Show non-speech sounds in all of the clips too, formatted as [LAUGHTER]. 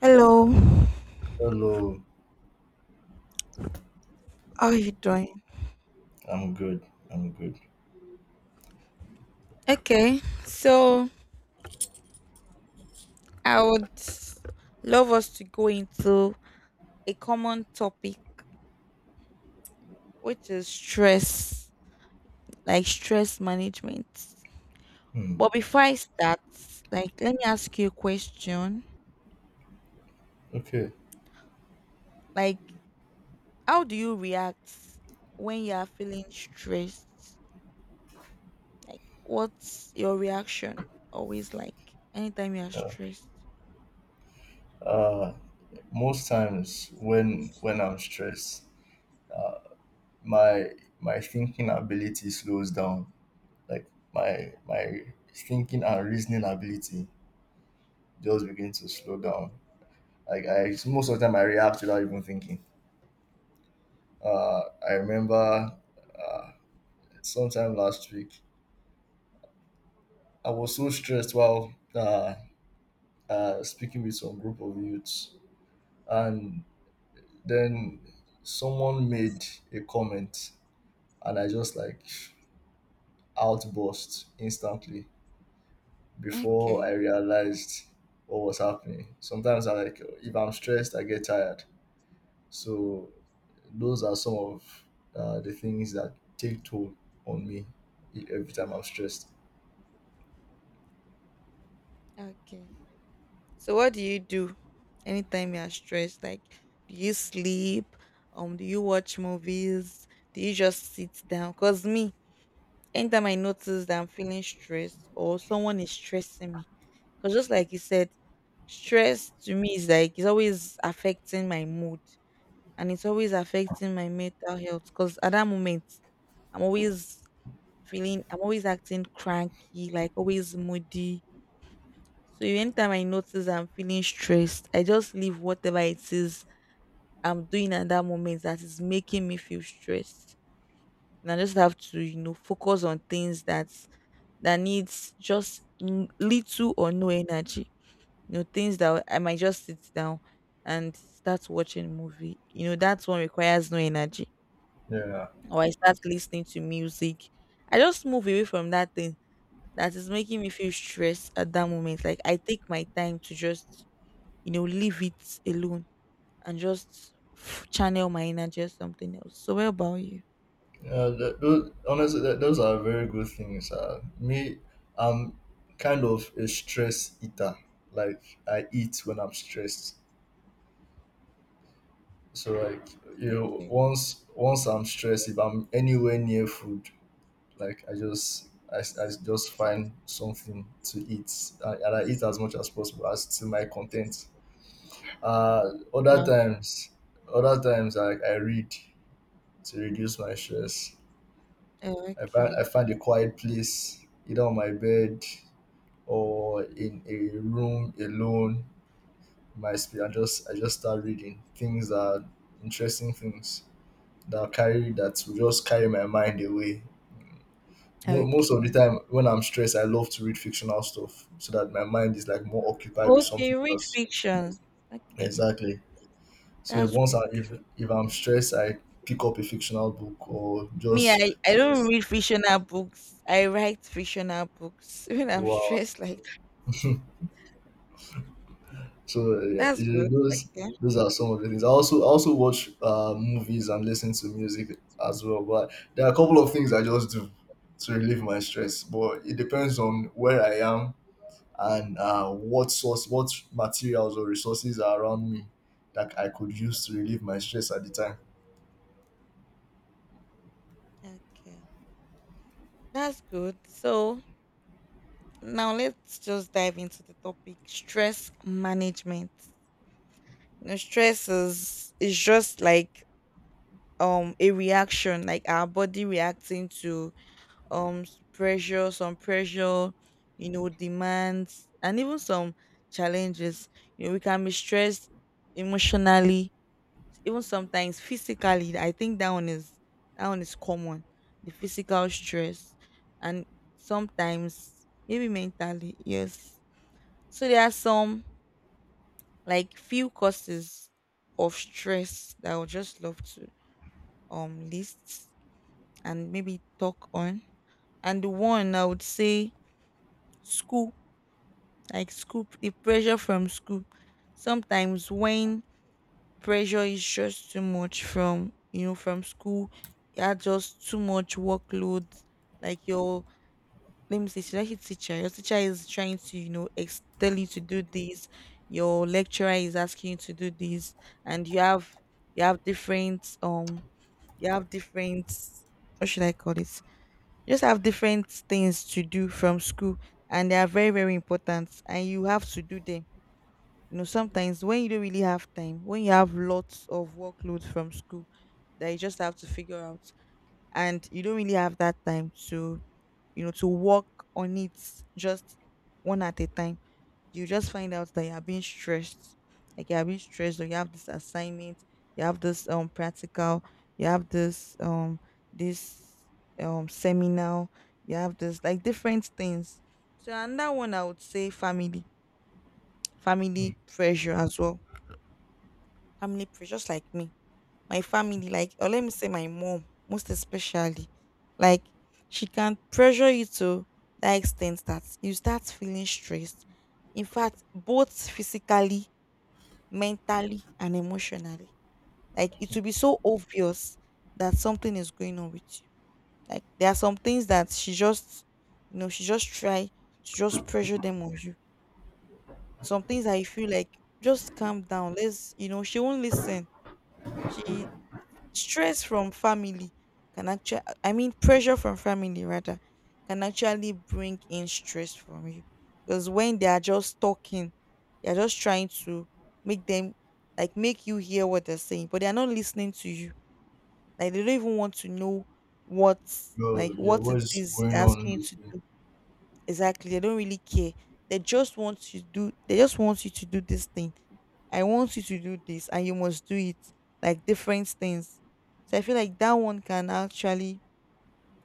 Hello, Hello, how are you doing? I'm good. I'm good. Okay, so I would love us to go into a common topic, which is stress, like stress management. Hmm. But before I start, let me ask you a question. Okay. Like, how do you react when you are feeling stressed? Like, what's your reaction always like anytime you are Yeah. stressed? Uh, Most times when I'm stressed, my my thinking ability slows down. Like my thinking and reasoning ability just begin to slow down. Like I most of the time I react without even thinking. Uh, I remember uh, sometime last week I was so stressed while speaking with some group of youths and then someone made a comment and I just like outburst instantly before I Okay, realized what was happening. Sometimes I like if I'm stressed, I get tired. So those are some of the things that take toll on me every time I'm stressed. okay. So what do you do anytime you are stressed? Like do you sleep? Do you watch movies? Do you just sit down? Cause me, anytime I notice that I'm feeling stressed or someone is stressing me. Cause just like you said, stress to me is like it's always affecting my mood, and it's always affecting my mental health. Cause at that moment I'm always feeling, I'm always acting cranky, like always moody. So anytime I notice I'm feeling stressed, I just leave whatever it is I'm doing at that moment that is making me feel stressed. And I just have to, you know, focus on things that little or no energy. You know, things that I might just sit down and start watching a movie. You know, that one requires no energy. Yeah, Or I start listening to music. I just move away from that thing that is making me feel stressed at that moment. Like I take my time to just, you know, leave it alone and just channel my energy or something else. So, what about you? yeah. Those, honestly, those are very good things. Me, I'm kind of a stress eater. Like I eat when I'm stressed. So like you know, Okay. once I'm stressed, if I'm anywhere near food, like I just find something to eat, and I eat as much as possible as to my content. Uh, Other Wow. times, other times I read to reduce my stress. Oh, I okay. find a quiet place, either on my bed or in a room alone. My sp- I just start reading things that interesting things that carry that will just carry my mind away. Most of the Okay. time when I'm stressed, I love to read fictional stuff so that my mind is like more occupied with Okay. something Read else. fiction. Okay. Exactly. So That's good. If I'm stressed, I pick up a fictional book or Me, just I don't read fictional books. I write fictional books [LAUGHS] when I'm wow. stressed like that. [LAUGHS] So yeah, That's yeah, good. Okay. those are some of the things. I also watch movies and listen to music as well. But there are a couple of things I just do to relieve my stress. But it depends on where I am and what source, what materials or resources are around me that I could use to relieve my stress at the time. Okay. That's good. So now let's just dive into the topic stress management. You know, stress is just like a reaction, like our body reacting to pressure, some pressure, you know, demands and even some challenges. You know, we can be stressed emotionally, even sometimes physically. I think that one is, common, the physical stress, and sometimes maybe mentally, yes. So there are some like few causes of stress that I would just love to list and maybe talk on. And the one I would say, school, like school, the pressure from school. Sometimes when pressure is just too much from, you know, from school, you are just too much workload. Like your, let me say, should I say teacher? Your teacher is trying to, you know, tell you to do this. Your lecturer is asking you to do this, and you have, different you have different, what should I call it? Just have different things to do from school, and they are very very important, and you have to do them. You know, sometimes when you don't really have time, when you have lots of workload from school that you just have to figure out, and you don't really have that time to, you know, to work on it just one at a time, you just find out that you are being stressed. Like you are being stressed, or you have this assignment, you have this practical, you have this this seminar, you have this, like, different things. So another one I would say, family, Mm. family pressure as well. Family pressure, just like me, my family, like, or let me say my mom most especially. Like she can pressure you to that extent that you start feeling stressed, in fact both physically, mentally and emotionally. Like it will be so obvious that something is going on with you. Like there are some things that she just, you know, she just try to just pressure them on you. Some things that you feel like, just calm down. Let's, you know, she won't listen. She Stress from family can actually, I mean, pressure from family rather, can actually bring in stress from you, because when they are just talking, they're just trying to make them, like make you hear what they're saying, but they're not listening to you. Like they don't even want to know what, like Oh, yeah, what what it is is going they're asking you on with to you? do. Exactly, they don't really care. They just want you to do this thing. I want you to do this, and you must do it. Like different things. So I feel like that one can actually,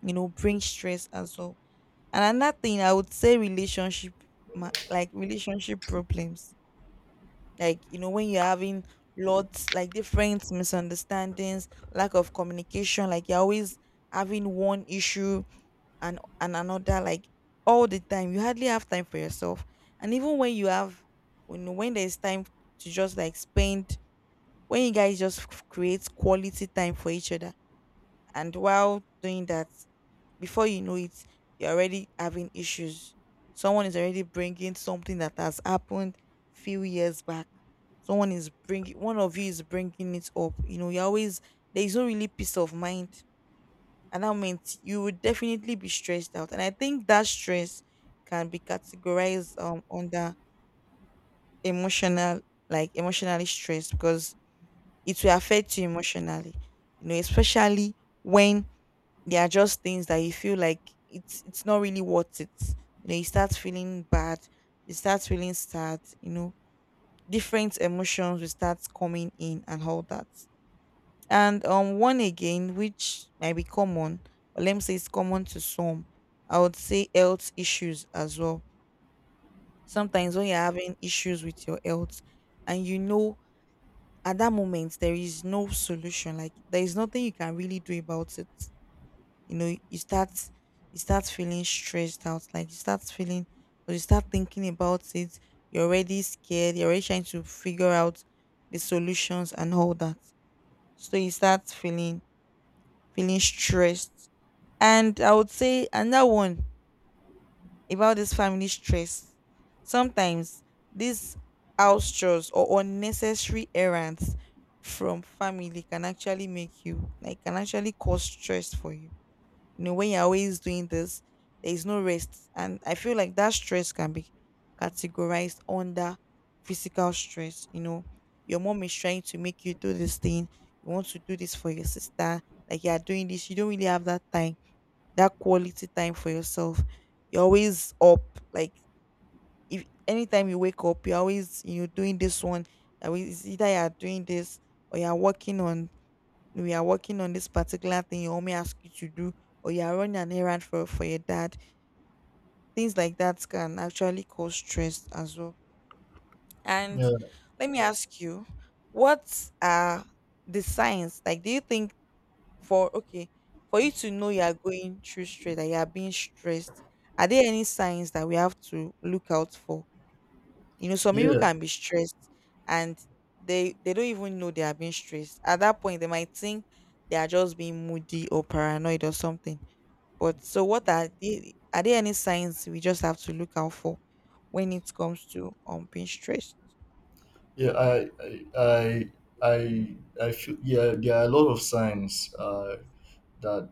you know, bring stress as well. And another thing I would say, relationship, like relationship problems. Like, you know, when you're having lots, like different misunderstandings, lack of communication, like you're always having one issue, and another, like all the time. You hardly have time for yourself. And even when you have, when there's time to just like spend, when you guys just create quality time for each other, and while doing that, before you know it, you're already having issues. Someone is already bringing something that has happened few years back. Someone is bringing One of you is bringing it up. You know, you're always, there's no really peace of mind. And that meant you would definitely be stressed out. And I think that stress can be categorized under emotional, like emotionally stressed, because it will affect you emotionally. You know, especially when there are just things that you feel like, it's not really worth it. You know, you start feeling bad, you start feeling sad, you know, different emotions will start coming in and all that. And one again, which might be common, or let me say it's common to some, I would say health issues as well. Sometimes when you're having issues with your health, and you know, at that moment there is no solution, like there is nothing you can really do about it, you know, you start, feeling stressed out. Like you start feeling, or you start thinking about it, you're already scared, you're already trying to figure out the solutions and all that. So you start feeling stressed. And I would say another one about this family stress. Sometimes these house chores or unnecessary errands from family can actually make you, like can actually cause stress for you. You know, when you're always doing this, there is no rest. And I feel like that stress can be categorized under physical stress. You know, your mom is trying to make you do this thing, you want to do this for your sister, like you are doing this, you don't really have that time, that quality time for yourself. You're always up. Like if anytime you wake up, you're always, you know, doing this one. You're always, it's either you're doing this or you're working on, we are working on this particular thing your mommy asked you to do, or you are running an errand for your dad. Things like that can actually cause stress as well. And Yeah, let me ask you, what are the signs? Like, do you think for, okay, for you to know you are going through stress, that you are being stressed, are there any signs that we have to look out for? You know, some people yeah, can be stressed and they don't even know they are being stressed at that point. They might think they are just being moody or paranoid or something. But so what are the, are there any signs we just have to look out for when it comes to being stressed? yeah. I, I feel yeah. There are a lot of signs that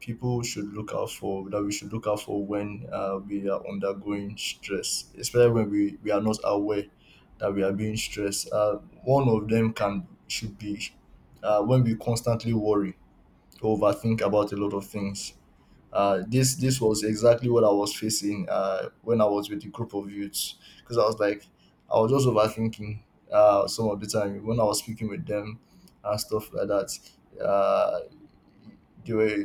people should look out for that we should look out for when we are undergoing stress, especially when we are not aware that we are being stressed. One of them can should be when we constantly worry, overthink about a lot of things. Uh, this Okay. this was exactly what I was facing when I was with a group of youths because I was like I was just overthinking some of the time when I was speaking with them and stuff like that. Uh, they were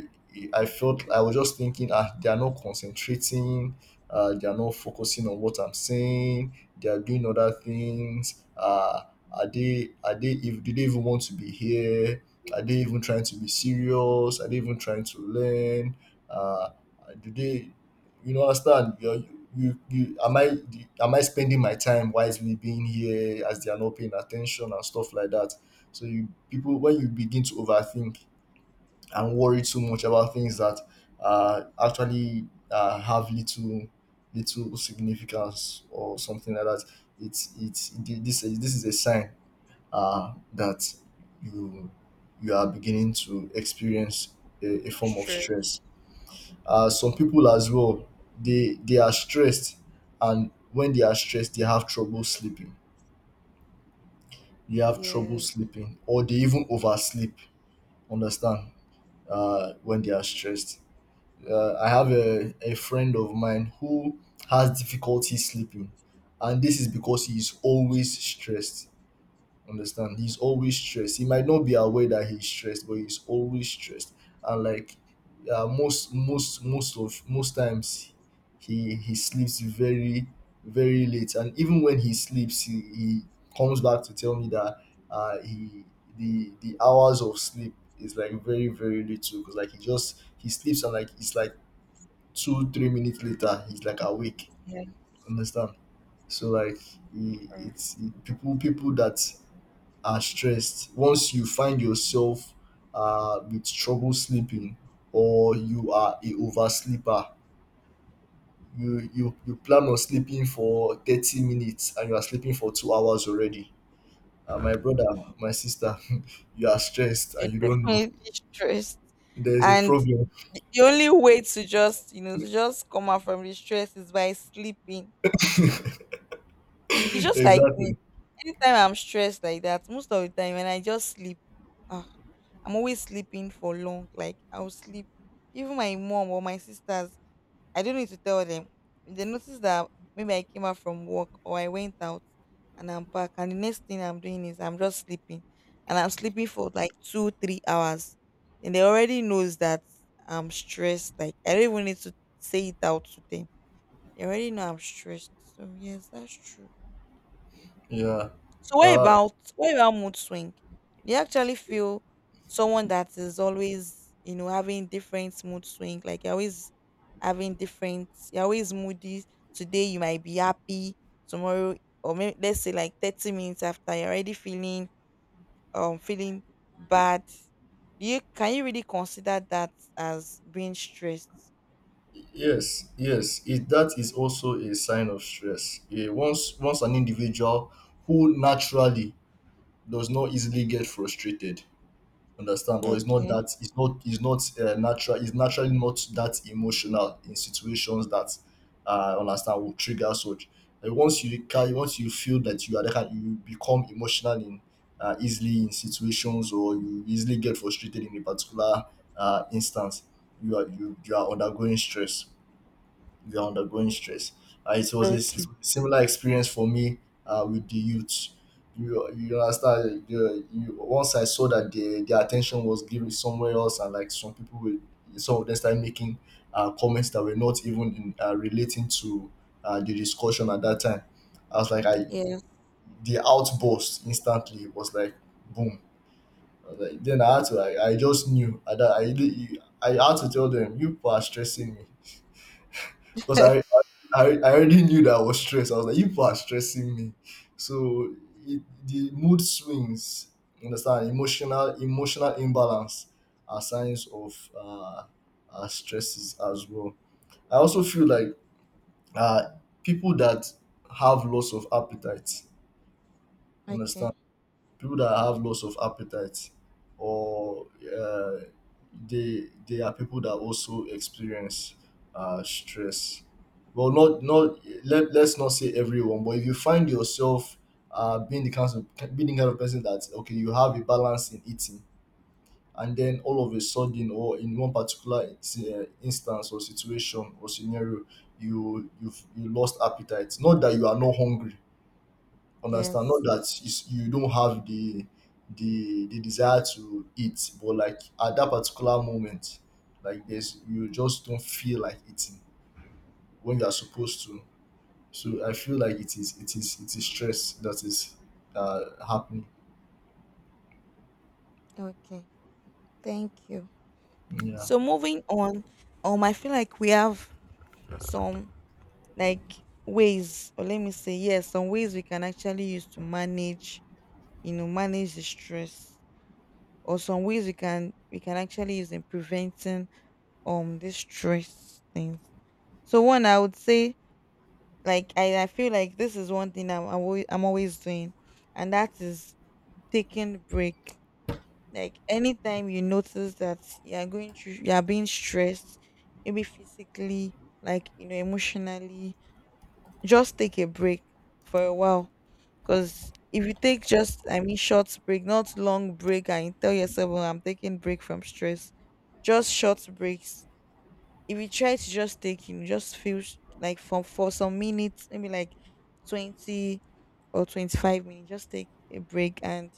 I felt I was just thinking, ah, they are not concentrating, they are not focusing on what I'm saying, they are doing other things. Are they if Do they even want to be here? Are they even trying to be serious? Are they even trying to learn? Uh, do they you know understand you? Am I spending my time wisely being here as they are not paying attention and stuff like that? So you people, when you begin to overthink and worry too much about things that actually have little significance or something like that, it's this is a sign that you you are beginning to experience a form of Stress. stress. Some people as well, they are stressed, and when they are stressed they have trouble sleeping. they have trouble Yeah. sleeping or they even oversleep, understand, when they are stressed. I have a friend of mine who has difficulty sleeping, and this is because he is always stressed. Understand? He's always stressed. He might not be aware that he's stressed, but he's always stressed. And like most times, he sleeps very late, and even when he sleeps, he comes back to tell me that he the hours of sleep is like very little, because like he sleeps and like it's like 2-3 minutes later he's like awake, Yeah. understand? So like Mm. People people that are stressed, once you find yourself with trouble sleeping, or you are a oversleeper, you plan on sleeping for 30 minutes and you are sleeping for 2 hours already, my brother, my sister, [LAUGHS] you are stressed You're and you [LAUGHS] don't know definitely stressed. there is a And problem. the only way to just, you know, to [LAUGHS] just come out from the stress is by sleeping. It's just like me. Exactly. Anytime I'm stressed like that, most of the time when I just sleep, ah, I'm always sleeping for long. Like I'll sleep. Even my mom or my sisters, I don't need to tell them. If they notice that maybe I came out from work or I went out and I'm back, and the next thing I'm doing is I'm just sleeping, and I'm sleeping for like two, 3 hours, and they already knows that I'm stressed. Like I don't even need to say it out to them. They already know I'm stressed. So yes, that's true. Yeah. So what Uh. about, mood swing? Do you actually feel someone that is always, you know, having different mood swing? Like you're always having different, you're always moody. Today you might be happy, tomorrow, or maybe let's say like 30 minutes after, you're already feeling feeling bad. Do you, can you really consider that as being stressed? Yes, yes, that is also a sign of stress. Yeah, once an individual who naturally does not easily get frustrated, understand, or is not Okay. that is not natural is naturally not that emotional in situations that understand will trigger such. And once you feel that you are that you become emotional in easily in situations, or you easily get frustrated in a particular instance, you are undergoing stress, they're undergoing stress. It was a Okay. similar experience for me with the youth. You understand? Once I saw that their attention was given somewhere else, and like some people were, some of them started making comments that were not even in, relating to the discussion at that time, I was like, I, Yes. [LAUGHS] the outburst instantly was like, boom. I was like, then I had to, I just knew. I had to tell them, you people are stressing me, because I already knew that I was stressed. I was like, you people are stressing me. So the mood swings, you understand, emotional imbalance are signs of stresses as well. I also feel like uh people that have loss of appetite, Okay. understand, people that have loss of appetite, or uh, they are people that also experience stress. Well, not, let, let's not say everyone, but if you find yourself uh, being the kind being the kind of person that okay, you have a balance in eating, and then all of a sudden, or in one particular instance or situation or scenario, you lost appetite, not that you are not hungry, understand, Yes. not that it's, you don't have the the desire to eat, but like at that particular moment, like there's you just don't feel like eating when you are supposed to. So I feel like it is stress that is uh, happening. Okay. Thank you. Yeah. So moving on, I feel like we have some like ways, or let me say, yes, some ways we can actually use to manage, you know, manage the stress, or some ways we can, actually use in preventing this stress things. So one, I would say, like I feel like this is one thing I'm always doing, and that is taking break. Like anytime you notice that you are going through, you are being stressed, maybe physically, like you know, emotionally, just take a break for a while. Because if you take just, I mean, short break, not long break, and you tell yourself, "Oh, I'm taking break from stress," just short breaks. If you try to just take, you know, just feel like from for some minutes, maybe like 20 or 25 minutes, just take a break and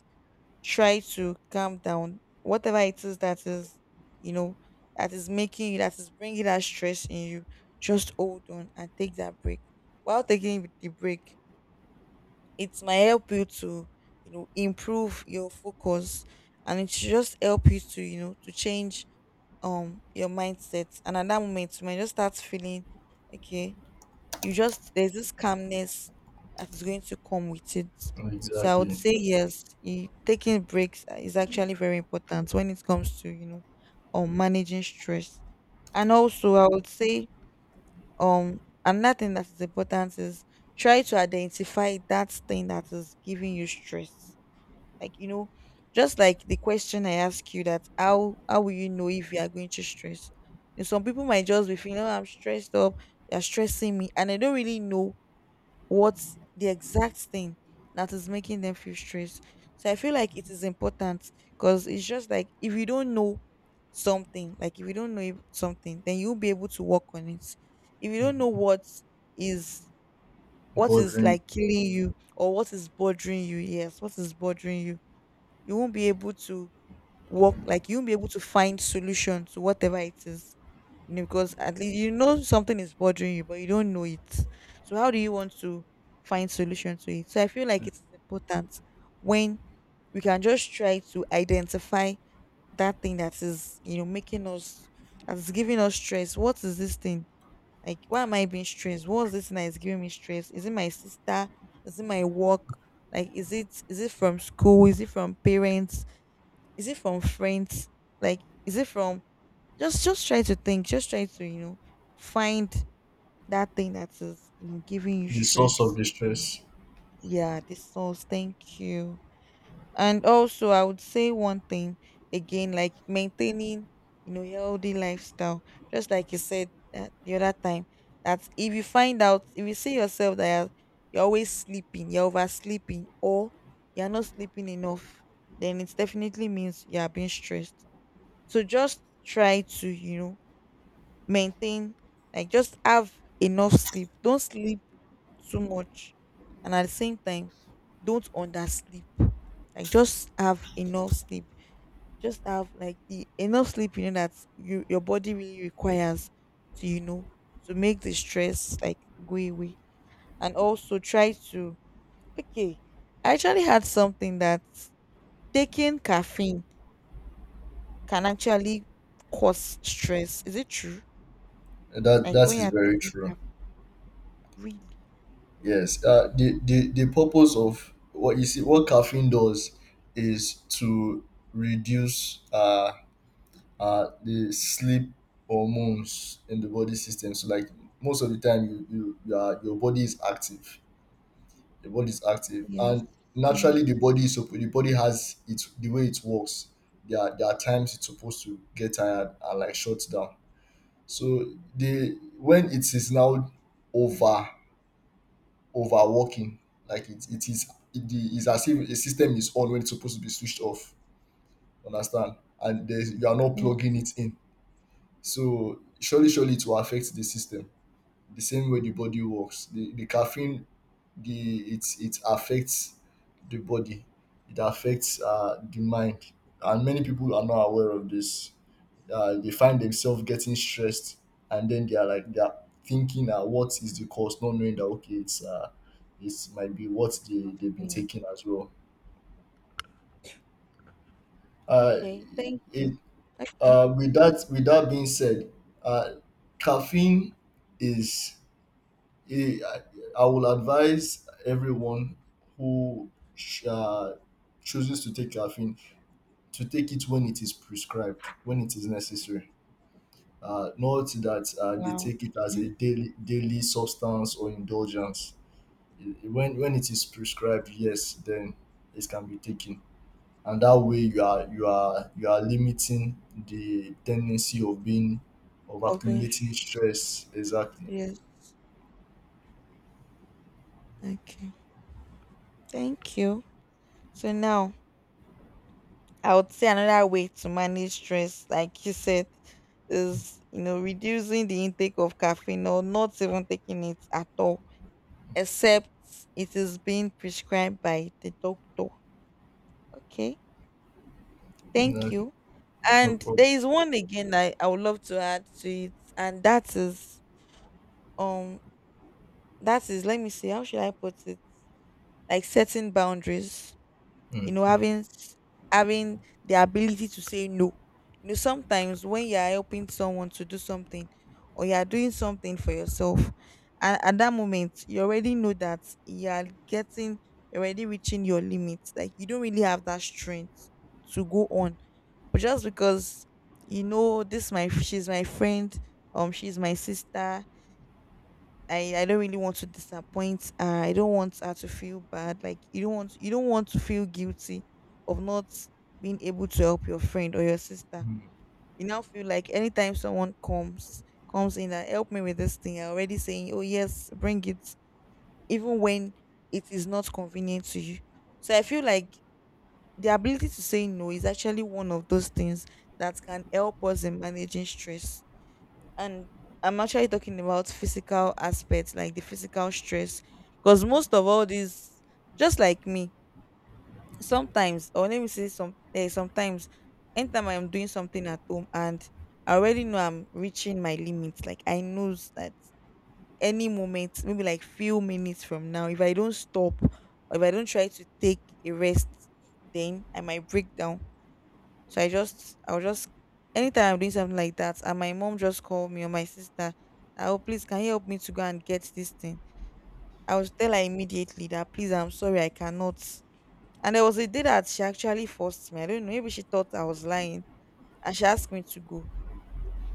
try to calm down whatever it is that is, you know, that is making you, that is bringing that stress in you, just hold on and take that break. While taking the break, it might help you to, you know, improve your focus, and it should just help you to, you know, to change your mindset, and at that moment you might just start feeling okay, you just, there's this calmness that is going to come with it. So I would Exactly. say yes, taking breaks is actually very important when it comes to, you know, managing stress. And also, I would say um another thing that is important is try to identify that thing that is giving you stress. Like, you know, just like the question I asked you, that how will you know if you are going to stress? You know, some people might just be feeling, oh, I'm stressed up, you're stressing me, and I don't really know what's the exact thing that is making them feel stressed. So I feel like it is important, because it's just like if you don't know something, like if you don't know something, then you'll be able to work on it. If you don't know Mhm. Is what is Bordering like killing you or what is bothering you, yes, what is bothering you, you won't be able to work, like you won't be able to find solution to whatever it is, you know, because at least you know something is bothering you, but you don't know it. So how do you want to find solution to it? So I feel like it is important when we can just try to identify that thing that is, you know, making us, that is giving us stress. What is this thing? Like why am I being stressed? What's this thing that is giving me stress? Is it my sister? Is it my work? Like is it from school? Is it from parents? Is it from friends? Like is it from, just try to think, just try to, you know, find that thing that is, you know, giving you the source of stress. the stress. Yeah, this sauce, thank you. And also I would say one thing again, like maintaining, you know, healthy lifestyle. Just like you said that the other time. That if you find out, if you see yourself that you're always sleeping, you're oversleeping, or you're not sleeping enough, then it definitely means you are being stressed. So just try to, you know, maintain, like just have enough sleep, don't sleep too much, and at the same time don't undersleep, like just have enough sleep, just have like the enough sleep you know that you, your body really requires to, you know, to make the stress like go away. And also try to, okay, I actually had something that taking caffeine can actually cause stress. Is it true? That Like that when is you're very taking true. caffeine, Yes. The purpose of what you see what caffeine does is to reduce the sleep hormones in the body system. So like most of the time you are, your body is active. Your body is active, yes, and yes, naturally the body is the body has its the way it works. There are times it's supposed to get tired and like shut down. So the when it is now over overworking, like it is as if a system is on when it's supposed to be switched off. Understand? And there's, you are not plugging yes, it in. So surely, surely it will affect the system. The same way the body works, the caffeine, the it it affects the body, it affects the mind, and many people are not aware of this. They find themselves getting stressed, and then they are thinking, what is the cause? Not knowing that okay, it's it might be what big they've been screen. taking as well. Uh, Okay, thank it you. Okay. With that with that being said, uh, caffeine is, eh, I will advise everyone who chooses to take caffeine to take it when it is prescribed, when it is necessary. Not that they Wow. take it as a Okay. daily daily substance or indulgence. Eh, when it is prescribed, yes, then it can be taken, and that way you are limiting the tendency of being, of accumulating Orange. stress. Exactly. Yes. Okay. Thank you. So now I would say another way to manage stress, like you said, is, you know, reducing the intake of caffeine or not even taking it at all, except it is being prescribed by the doctor. Okay. Thank No, you. no And problem. there is one again I would love to add to it, and that is um that is, let me see how should I put it, like setting boundaries, you Mm, know, mm, having having the ability to say no. You know sometimes when you are helping someone to do something or you are doing something for yourself, and at that moment you already know that you are getting, you're already reaching your limits, like you don't really have that strength to go on, but just because, you know, this my, she's my friend, she's my sister, I don't really want to disappoint her. I don't want her to feel bad. Like you don't want to feel guilty of not being able to help your friend or your sister. mm. You now feel like anytime someone comes in and help me with this thing, you're already saying, oh yes, bring it, even when it is not convenient to you. So I feel like the ability to say no is actually one of those things that can help us in managing stress. And I'm actually talking about physical aspects, like the physical stress, because most of all these, just like me, sometimes, or let me say some, sometimes, anytime I'm doing something at home and I already know I'm reaching my limits. Like I knows that any moment, maybe like few minutes from now, if I don't stop, or if I don't try to take a rest, then I might break down. So I just, I'll just, anytime I'm doing something like that, and my mom just called me or my sister, that, oh, please, can you help me to go and get this thing? I would tell her immediately that, please, I'm sorry, I cannot. And there was a day that she actually forced me. I don't know, maybe she thought I was lying and she asked me to go.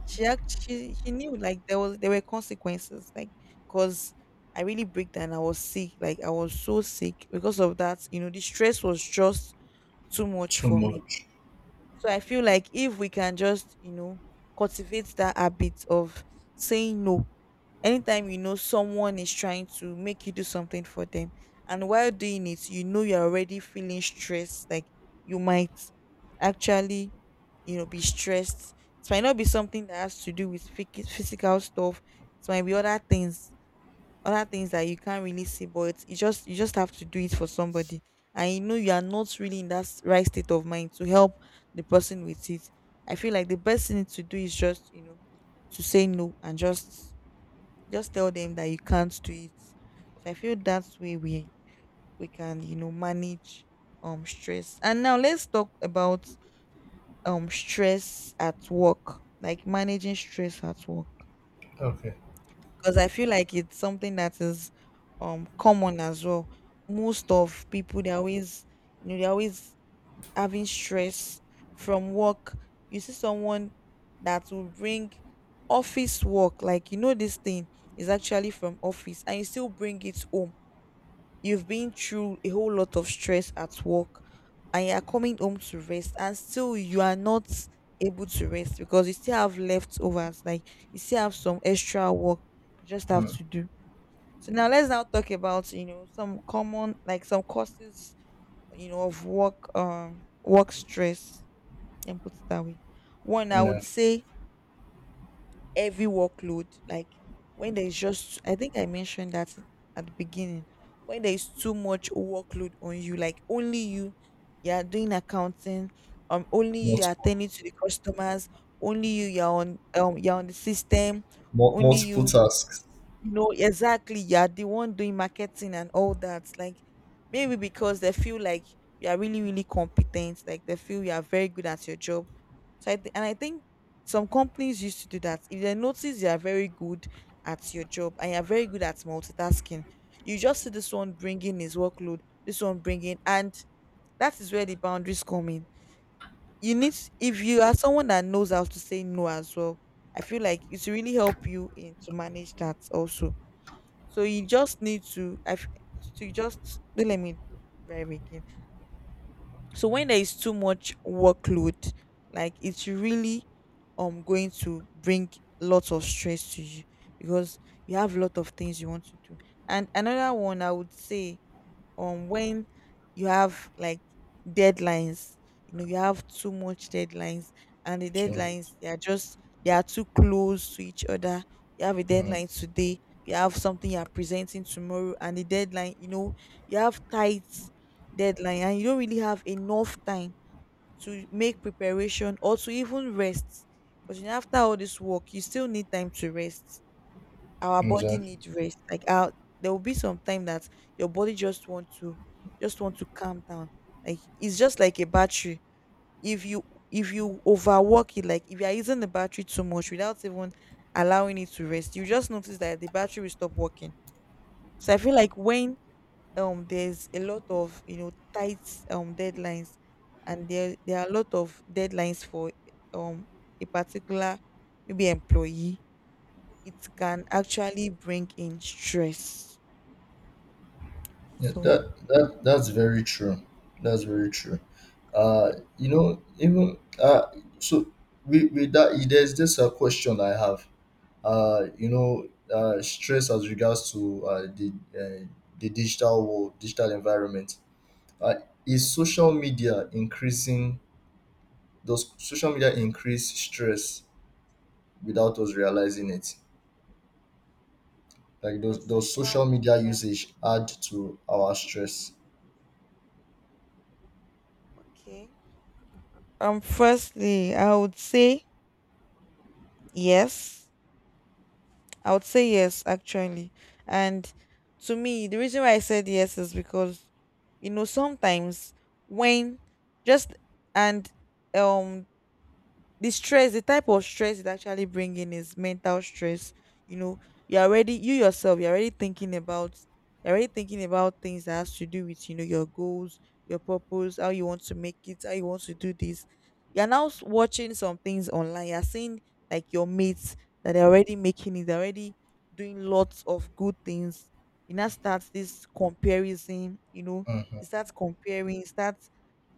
She actually, she knew, like there was, there were consequences, like, cause I really break down. I was sick, like I was so sick because of that. You know, the stress was just too much Too for me. much. So I feel like if we can just, you know, cultivate that habit of saying no, anytime you know someone is trying to make you do something for them, and while doing it, you know you're already feeling stressed, like you might actually, you know, be stressed. It might not be something that has to do with physical stuff, it might be other things, other things that you can't really see, but it's, you just have to do it for somebody, and you know you are not really in that right state of mind to help the person with it. I feel like the best thing to do is just, you know, to say no, and just tell them that you can't do it. So I feel that's way we can, you know, manage stress. And now let's talk about stress at work, like managing stress at work. Okay. 'Cause I feel like it's something that is, common as well. Most of people, they're always, you know, they're always having stress from work. You see someone that will bring office work, like, you know, this thing is actually from office and you still bring it home. You've been through a whole lot of stress at work, and you are coming home to rest, and still you are not able to rest because you still have leftovers, like you still have some extra work you just have Mm. to do. So now let's now talk about, you know, some common, like some causes, you know, of work work stress, and put it that way. One I would Yeah. say heavy workload, like when there's just, I think I mentioned that at the beginning, when there is too much workload on you, like only you, you are doing accounting, only you are Multiple attending to the customers, only you, you're on, you're on the system, only multiple you, tasks. you know, exactly, you're the one doing marketing and all that. Like maybe because they feel like you are really really competent, like they feel you are very good at your job. So and I think some companies used to do that, if they notice you are very good at your job and you're very good at multitasking, you just see this one bringing his workload, this one bringing, and that is where the boundaries come in. You need, if you are someone that knows how to say no as well, I feel like it will really help you in to manage that also. So you just need to, to just let me drive again. So when there is too much workload, like it's really going to bring lots of stress to you, because you have a lot of things you want to do. And another one I would say on, when you have like deadlines, you know you have too much deadlines, and the Too much. deadlines, they are just, they are too close to each other. You have a Mm. deadline today, you have something you are presenting tomorrow, and the deadline, you know, you have tight deadline, and you don't really have enough time to make preparation or to even rest, because after all this work you still need time to rest. Our body Exactly. needs rest, like our, there will be some time that your body just want to calm down. Like it's just like a battery, if you, if you overwork it, like if you are using the battery too much without even allowing it to rest, you just notice that the battery will stop working. So I feel like when there's a lot of, you know, tight deadlines, and there are a lot of deadlines for um a particular maybe employee, it can actually bring in stress. Yeah, So, that's very true. That's very true. Uh, you know, even so with that, there's this a question I have. You know, stress as regards to the digital world, digital environment. Uh, is like social media increasing? Does social media increase stress without us realizing it? Like the those social social media media. usage add to our stress? Okay. Firstly, I would say yes. I would say yes, actually. And to me, the reason why I said yes is because, you know, sometimes when, just, and, um the stress, the type of stress it actually bring in is mental stress. You know, you're already, you yourself, you're already thinking about things that has to do with, you know, your goals, your purpose, how you want to make it, how you want to do this. You're now watching some things online. You're seeing like your mates, that they're already making it, they're already doing lots of good things. You now start this comparison, you know, Hmm. you start comparing, you start,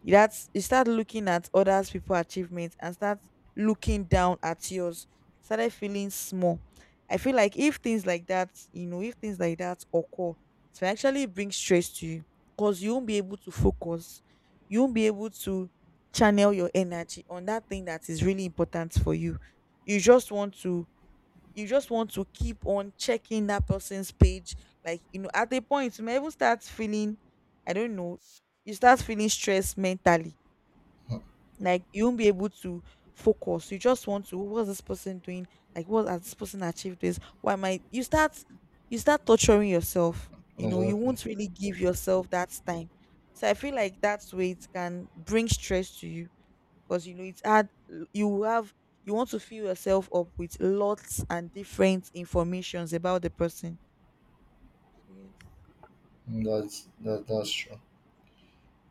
you start looking at others people achievements and start looking down at yours, started feeling small. I feel like if things like that, you know, if things like that occur, it will actually bring stress to you, because you won't be able to focus, you won't be able to channel your energy on that thing that is really important for you. You just want to, you just want to keep on checking that person's page, like you know, at a point you may even start feeling, I don't know, you start feeling stressed mentally, like you won't be able to focus. You just want to. What's this person doing? Like what has this person achieved? This? Why am I? You start. You start torturing yourself. You know. You Exactly. won't really give yourself that time. So I feel like that's where it can bring stress to you, because you know it's hard. You have. You want to fill yourself up with lots and different informations about the person. So, yes. That's true.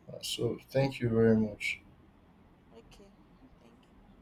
So thank you very much. Okay. Thank you.